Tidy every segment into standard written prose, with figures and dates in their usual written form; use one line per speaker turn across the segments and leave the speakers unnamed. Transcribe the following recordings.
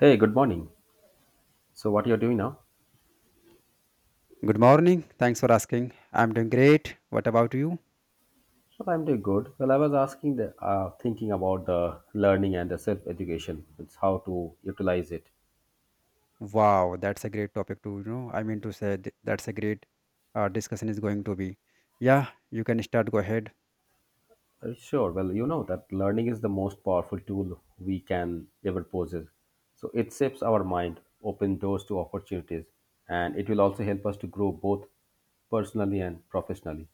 Hey, good morning. So, what you're doing now?
Good morning. Thanks for asking. I'm doing great. What about you?
Well, I'm doing good. Well, I was asking, thinking about the learning and the self-education. It's how to utilize it.
Wow, that's a great topic to, to say that's a great discussion is going to be. Yeah, you can start. Go ahead.
Sure. Well, you know that learning is the most powerful tool we can ever possess. So, it shapes our mind, opens doors to opportunities, and it will also help us to grow both personally and professionally.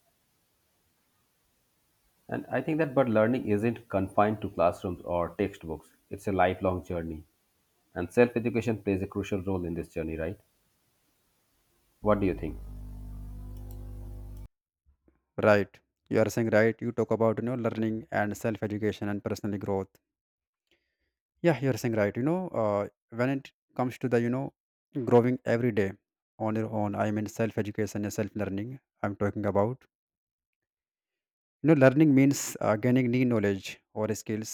And I think that, but learning isn't confined to classrooms or textbooks. It's a lifelong journey, and self-education plays a crucial role in this journey, right? What do you think?
Right. You are saying right. You talk about, you know, learning and self-education and personal growth. Yeah, you're saying right. You know, when it comes to the, you know, growing every day on your own, I mean self-education and self-learning, I'm talking about. You know, learning means gaining new knowledge or skills.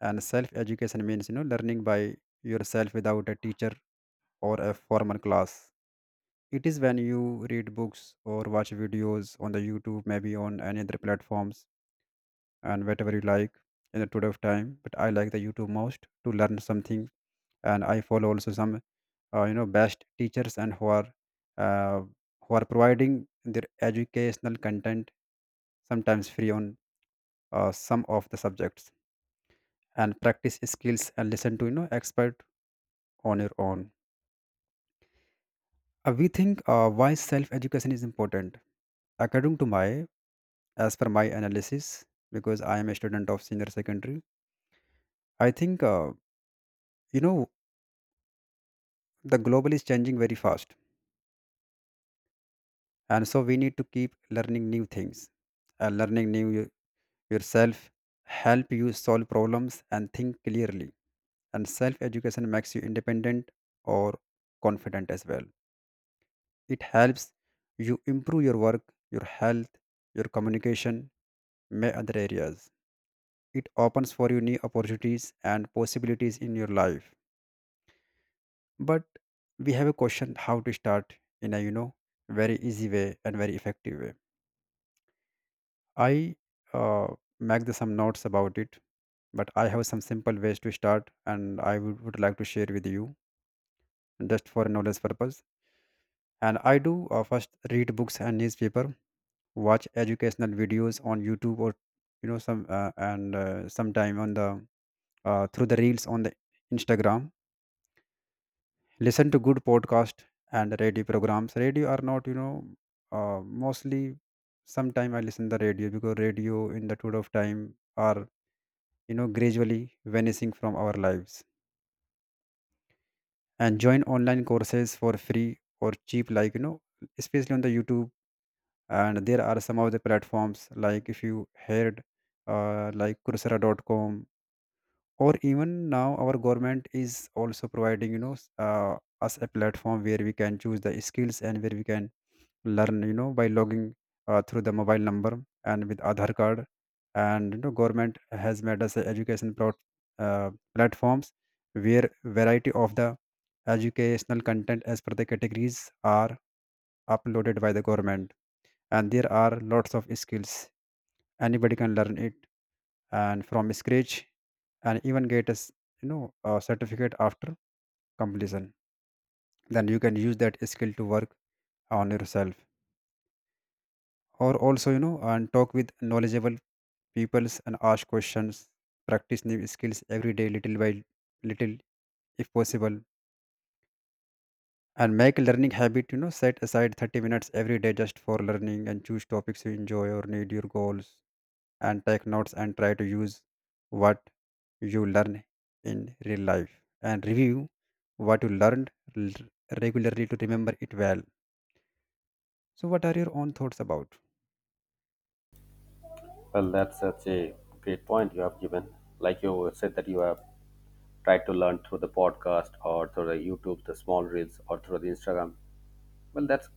And self education means, you know, learning by yourself without a teacher or a formal class. It is when you read books or watch videos on the YouTube, maybe on any other platforms and whatever you like in the today of time. But I like the YouTube most to learn something. And I follow also some, you know, best teachers and uh, who are providing their educational content sometimes free on some of the subjects and practice skills and listen to, you know, expert on your own. We think why self-education is important. According to my, as per my analysis, because I am a student of senior secondary, I think, you know the global is changing very fast, and so we need to keep learning new things, and learning yourself help you solve problems and think clearly. And self-education makes you independent or confident as well. It helps you improve your work, your health, your communication, may other areas. It opens for you new opportunities and possibilities in your life. But we have a question, how to start in a, you know, very easy way and very effective way. I uh, make some notes about it, but I have some simple ways to start and I would like to share with you just for knowledge purpose. And I do, first read books and newspaper, watch educational videos on YouTube, or you know some, and sometime on the through the reels on the Instagram, listen to good podcast and radio programs. Radio are not, you know, mostly, sometime I listen the radio because radio in the tour of time are, you know, gradually vanishing from our lives. And join online courses for free or cheap, like, you know, especially on the YouTube. And there are some of the platforms, like if you heard, like coursera.com, or even now our government is also providing, you know, us a platform where we can choose the skills and where we can learn, you know, by logging through the mobile number and with Aadhaar card. And you know, government has made us a education platforms where variety of the educational content as per the categories are uploaded by the government, and there are lots of skills anybody can learn it, and from scratch, and even get you know a certificate after completion. Then you can use that skill to work on yourself, or also, you know, and talk with knowledgeable peoples and ask questions, practice new skills every day little by little, if possible, and make a learning habit. You know, set aside 30 minutes every day just for learning and choose topics you enjoy or need your goals, and take notes and try to use what you learn in real life, and review what you learned l- regularly to remember it well. So, what are your own thoughts about?
Well, that's such a great point you have given. Like you said, that you have tried to learn through the podcast or through the YouTube, the small reels, or through the Instagram. Well,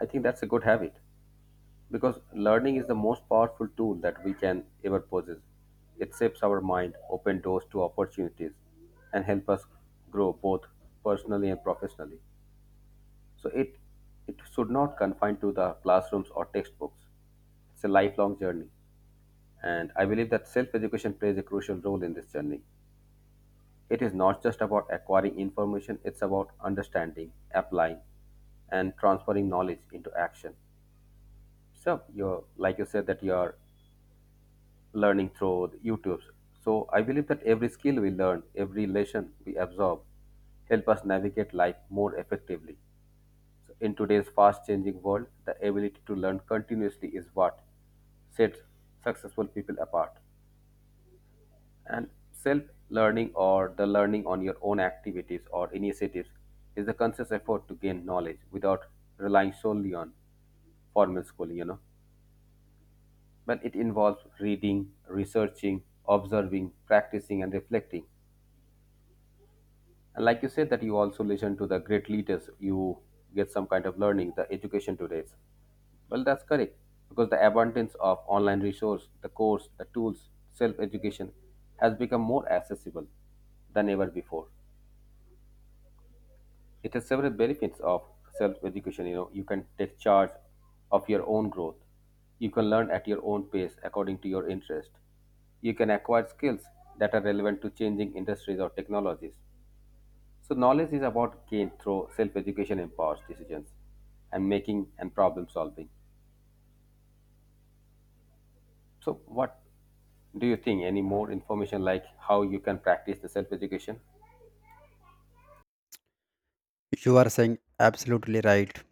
I think that's a good habit because learning is the most powerful tool that we can ever possess. It shapes our mind, open doors to opportunities, and help us grow both personally and professionally. So it should not confine to the classrooms or textbooks. It's a lifelong journey. And I believe that self education plays a crucial role in this journey. It is not just about acquiring information, it's about understanding, applying, and transferring knowledge into action. So, like you said, that you're learning through the YouTube. So, I believe that every skill we learn, every lesson we absorb, help us navigate life more effectively. So, in today's fast changing world, the ability to learn continuously is what sets successful people apart. And self-learning or the learning on your own activities or initiatives is the conscious effort to gain knowledge without relying solely on formal schooling, you know. But it involves reading, researching, observing, practicing and reflecting. And like you said that you also listen to the great leaders, you get some kind of learning, the education today. Well, that's correct. Because the abundance of online resource, the course, the tools, self-education has become more accessible than ever before. It has several benefits of self-education. You know, you can take charge of your own growth. You can learn at your own pace according to your interest. You can acquire skills that are relevant to changing industries or technologies. So knowledge is about gained through self-education empowers decisions and making and problem solving. So what do you think? Any more information like how you can practice the self-education?
You are saying absolutely right.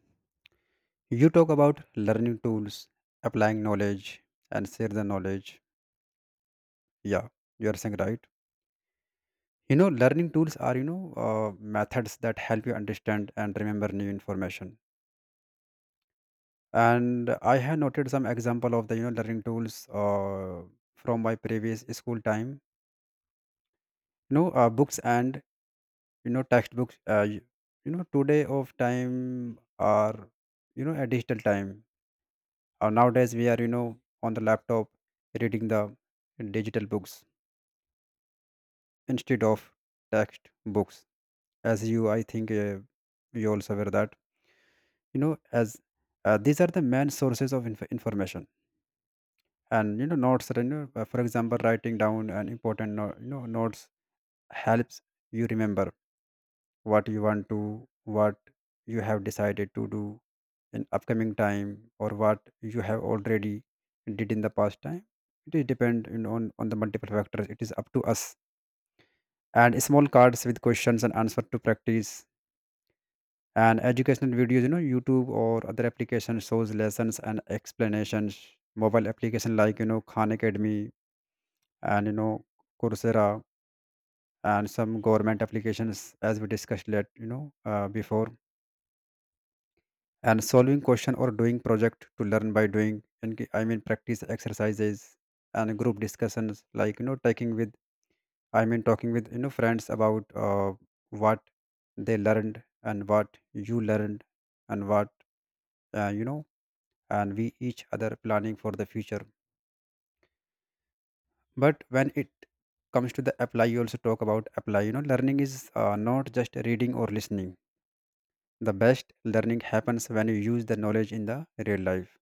You talk about learning tools, applying knowledge, and share the knowledge. Yeah, you are saying right. You know, learning tools are, you know, methods that help you understand and remember new information. And I have noted some example of the, you know, learning tools, from my previous school time. You know, books and, you know, textbooks, you know, today of time are, you know, a digital time. Nowadays we are, you know, on the laptop reading the digital books instead of text books. As you, I think, you also aware that, you know, as these are the main sources of information. And you know, notes are, you know, for example, writing down an important notes helps you remember what you want to, what you have decided to do in upcoming time, or what you have already did in the past time. It is depend, you know, on the multiple factors. It is up to us. And small cards with questions and answer to practice, and educational videos, you know, YouTube or other application shows lessons and explanations, mobile application like, you know, Khan Academy, and you know, Coursera, and some government applications as we discussed, let you know before, and solving question or doing project to learn by doing, and practice exercises, and group discussions like, you know, taking with I mean talking with, you know, friends about, what they learned and what you learned and what, uh, you know and we each other planning for the future. But when it comes to the apply, you also talk about apply. You know, learning is, not just reading or listening. The best learning happens when you use the knowledge in the real life.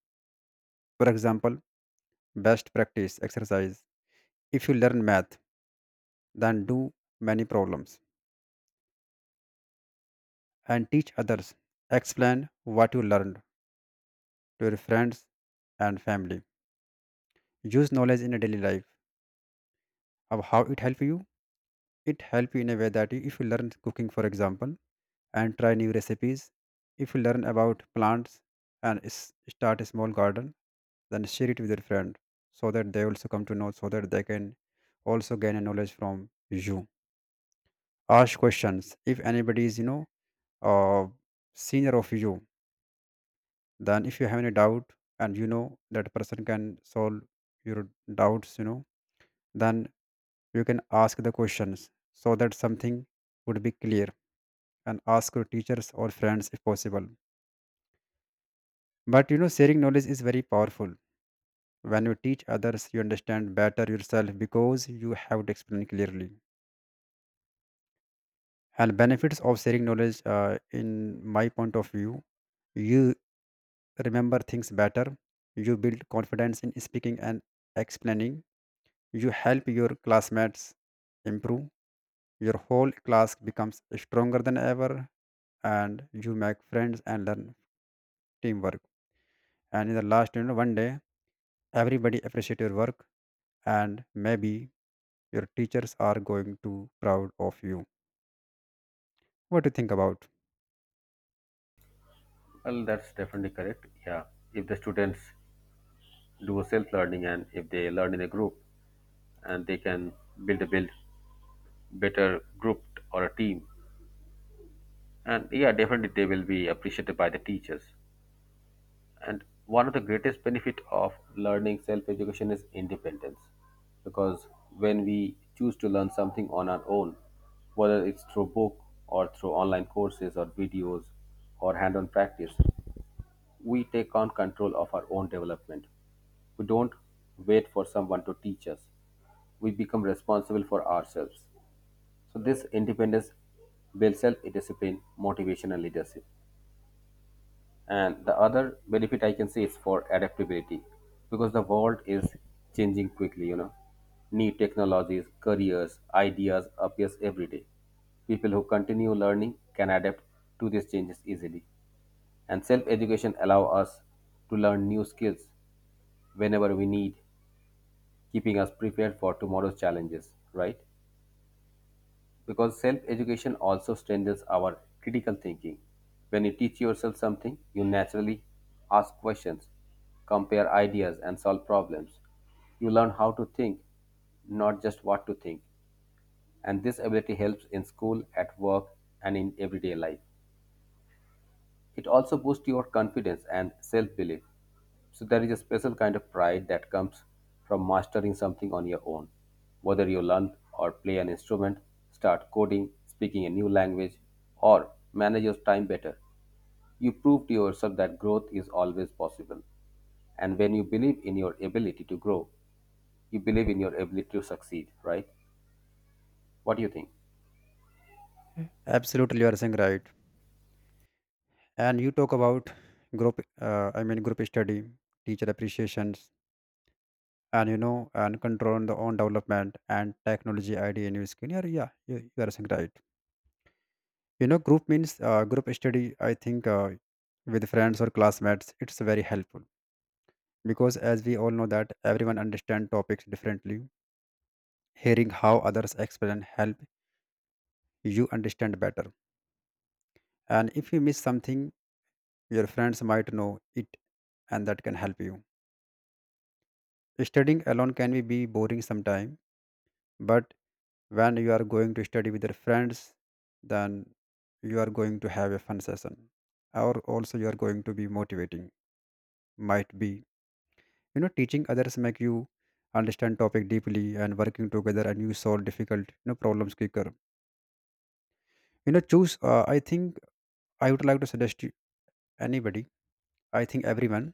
For example, best practice exercise. If you learn math, then do many problems and teach others, explain what you learned to your friends and family, use knowledge in a daily life of how it help you. It help you in a way that you- if you learn cooking, for example, and try new recipes. If you learn about plants and start a small garden, then share it with your friend so that they also come to know, so that they can also gain a knowledge from you. Ask questions. If anybody is, you know, uh, senior of you, then if you have any doubt, and you know that person can solve your doubts, you know, then you can ask the questions so that something would be clear, and ask your teachers or friends if possible. But you know, sharing knowledge is very powerful. When you teach others, you understand better yourself because you have to explain clearly. And benefits of sharing knowledge, in my point of view, you remember things better. You build confidence in speaking and explaining. You help your classmates improve. Your whole class becomes stronger than ever, and you make friends and learn teamwork. And in the last, you know, one day, everybody appreciate your work, and maybe your teachers are going to proud of you. What do you think about?
Well, that's definitely correct. Yeah. If the students do self learning and if they learn in a group, and they can build a build better group or a team. And yeah, definitely they will be appreciated by the teachers. And one of the greatest benefit of learning self-education is independence, because when we choose to learn something on our own, whether it's through book or through online courses or videos or hand-on practice, we take on control of our own development. We don't wait for someone to teach us. We become responsible for ourselves. So this independence builds self-discipline, motivation, and leadership. And the other benefit I can see is for adaptability, because the world is changing quickly. You know, new technologies, careers, ideas appears every day. People who continue learning can adapt to these changes easily. And self-education allow us to learn new skills whenever we need, keeping us prepared for tomorrow's challenges. Right? Because self-education also strengthens our critical thinking. When you teach yourself something, you naturally ask questions, compare ideas and solve problems. You learn how to think, not just what to think, and this ability helps in school, at work, and in everyday life. It also boosts your confidence and self-belief. So there is a special kind of pride that comes from mastering something on your own. Whether you learn or play an instrument, start coding, speaking a new language, or manage your time better, you prove to yourself that growth is always possible. And when you believe in your ability to grow, you believe in your ability to succeed, right? What do you think?
Yeah, absolutely, you are saying right. And you talk about group, group study, teacher appreciations, and you know, and control on the own development and technology idea in your skin. Yeah, yeah, you are saying right. You know, group means, group study. I think, with friends or classmates, it's very helpful, because as we all know that everyone understand topics differently. Hearing how others explain help you understand better, and if you miss something, your friends might know it, and that can help you. Studying alone can be boring sometimes, but when you are going to study with your friends, then you are going to have a fun session. Or also you are going to be motivating. Might be. You know, teaching others make you understand topic deeply, and working together and you solve difficult, you know, problems quicker. You know, choose, I think I would like to suggest you anybody I think everyone,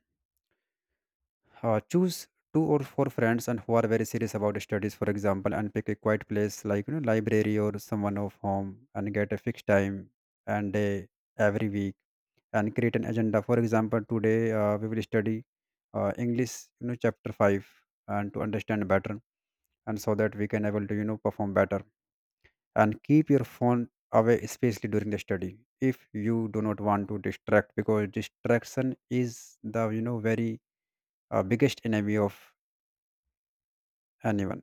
Choose two or four friends, and who are very serious about studies, for example, and pick a quiet place like, you know, library or someone of home, and get a fixed time and day every week, and create an agenda. For example, today, we will study, English, you know, chapter five, and to understand better, and so that we can able to, you know, perform better. And keep your phone away, especially during the study, if you do not want to distract, because distraction is the, you know, very biggest enemy of anyone.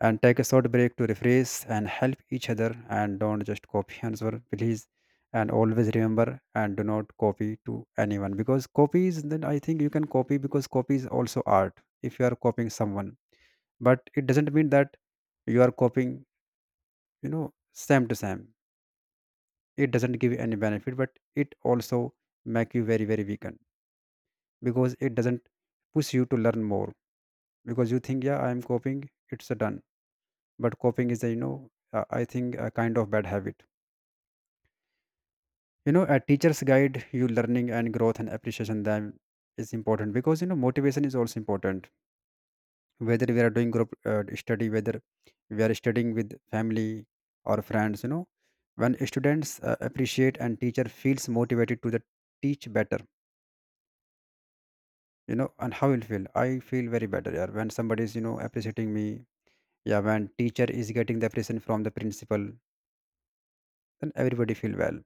And take a short break to refresh and help each other, and don't just copy answer, please. And always remember and do not copy to anyone, because copies, then I think you can copy because copy is also art if you are copying someone, but it doesn't mean that you are copying, you know, same to same. It doesn't give you any benefit, but it also make you very very weakened, because it doesn't push you to learn more, because you think, yeah I am copying, it's a done. But copying is a, you know, I think, a kind of bad habit. You know, a teacher's guide you learning and growth, and appreciation them is important because, you know, motivation is also important, whether we are doing group, study, whether we are studying with family or friends. You know, when students, appreciate and teacher feels motivated to the teach better, you know, and how will feel, I feel very better. Yeah, when somebody is, you know, appreciating me. Yeah, when teacher is getting the appreciation from the principal, then everybody feel well.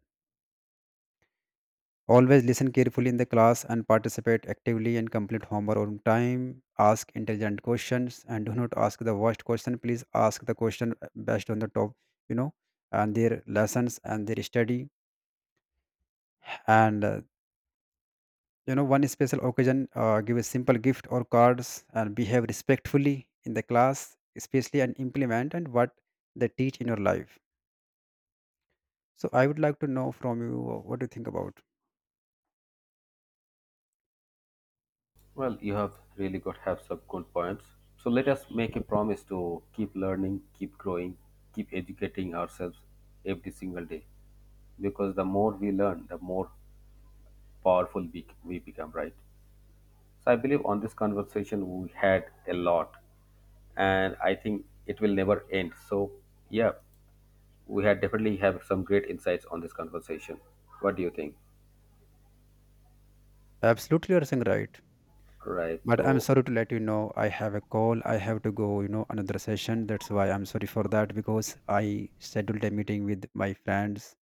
Always listen carefully in the class and participate actively and complete homework on time. Ask intelligent questions and do not ask the worst question. Please ask the question, based on the top, you know, and their lessons and their study. And, you know, one special occasion, give a simple gift or cards, and behave respectfully in the class, especially, and implement and what they teach in your life. So I would like to know from you, what do you think about.
Well, you have really got have some good points. So let us make a promise to keep learning, keep growing, keep educating ourselves every single day. Because the more we learn, the more powerful we become, right? So I believe on this conversation we had a lot, and I think it will never end. So yeah, we had definitely have some great insights on this conversation. What do you think?
Absolutely, you are saying right.
Right.
But I'm
So
sorry to let you know, I have a call, I have to go, you know, another session. That's why I'm sorry for that, because I scheduled a meeting with my friends,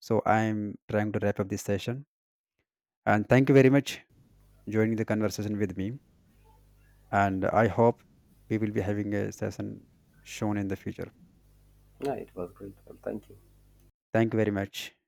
so I'm trying to wrap up this session, and thank you very much joining the conversation with me, and I hope we will be having a session shown in the future.
yeah, it was great. Well, thank you.
Thank you very much.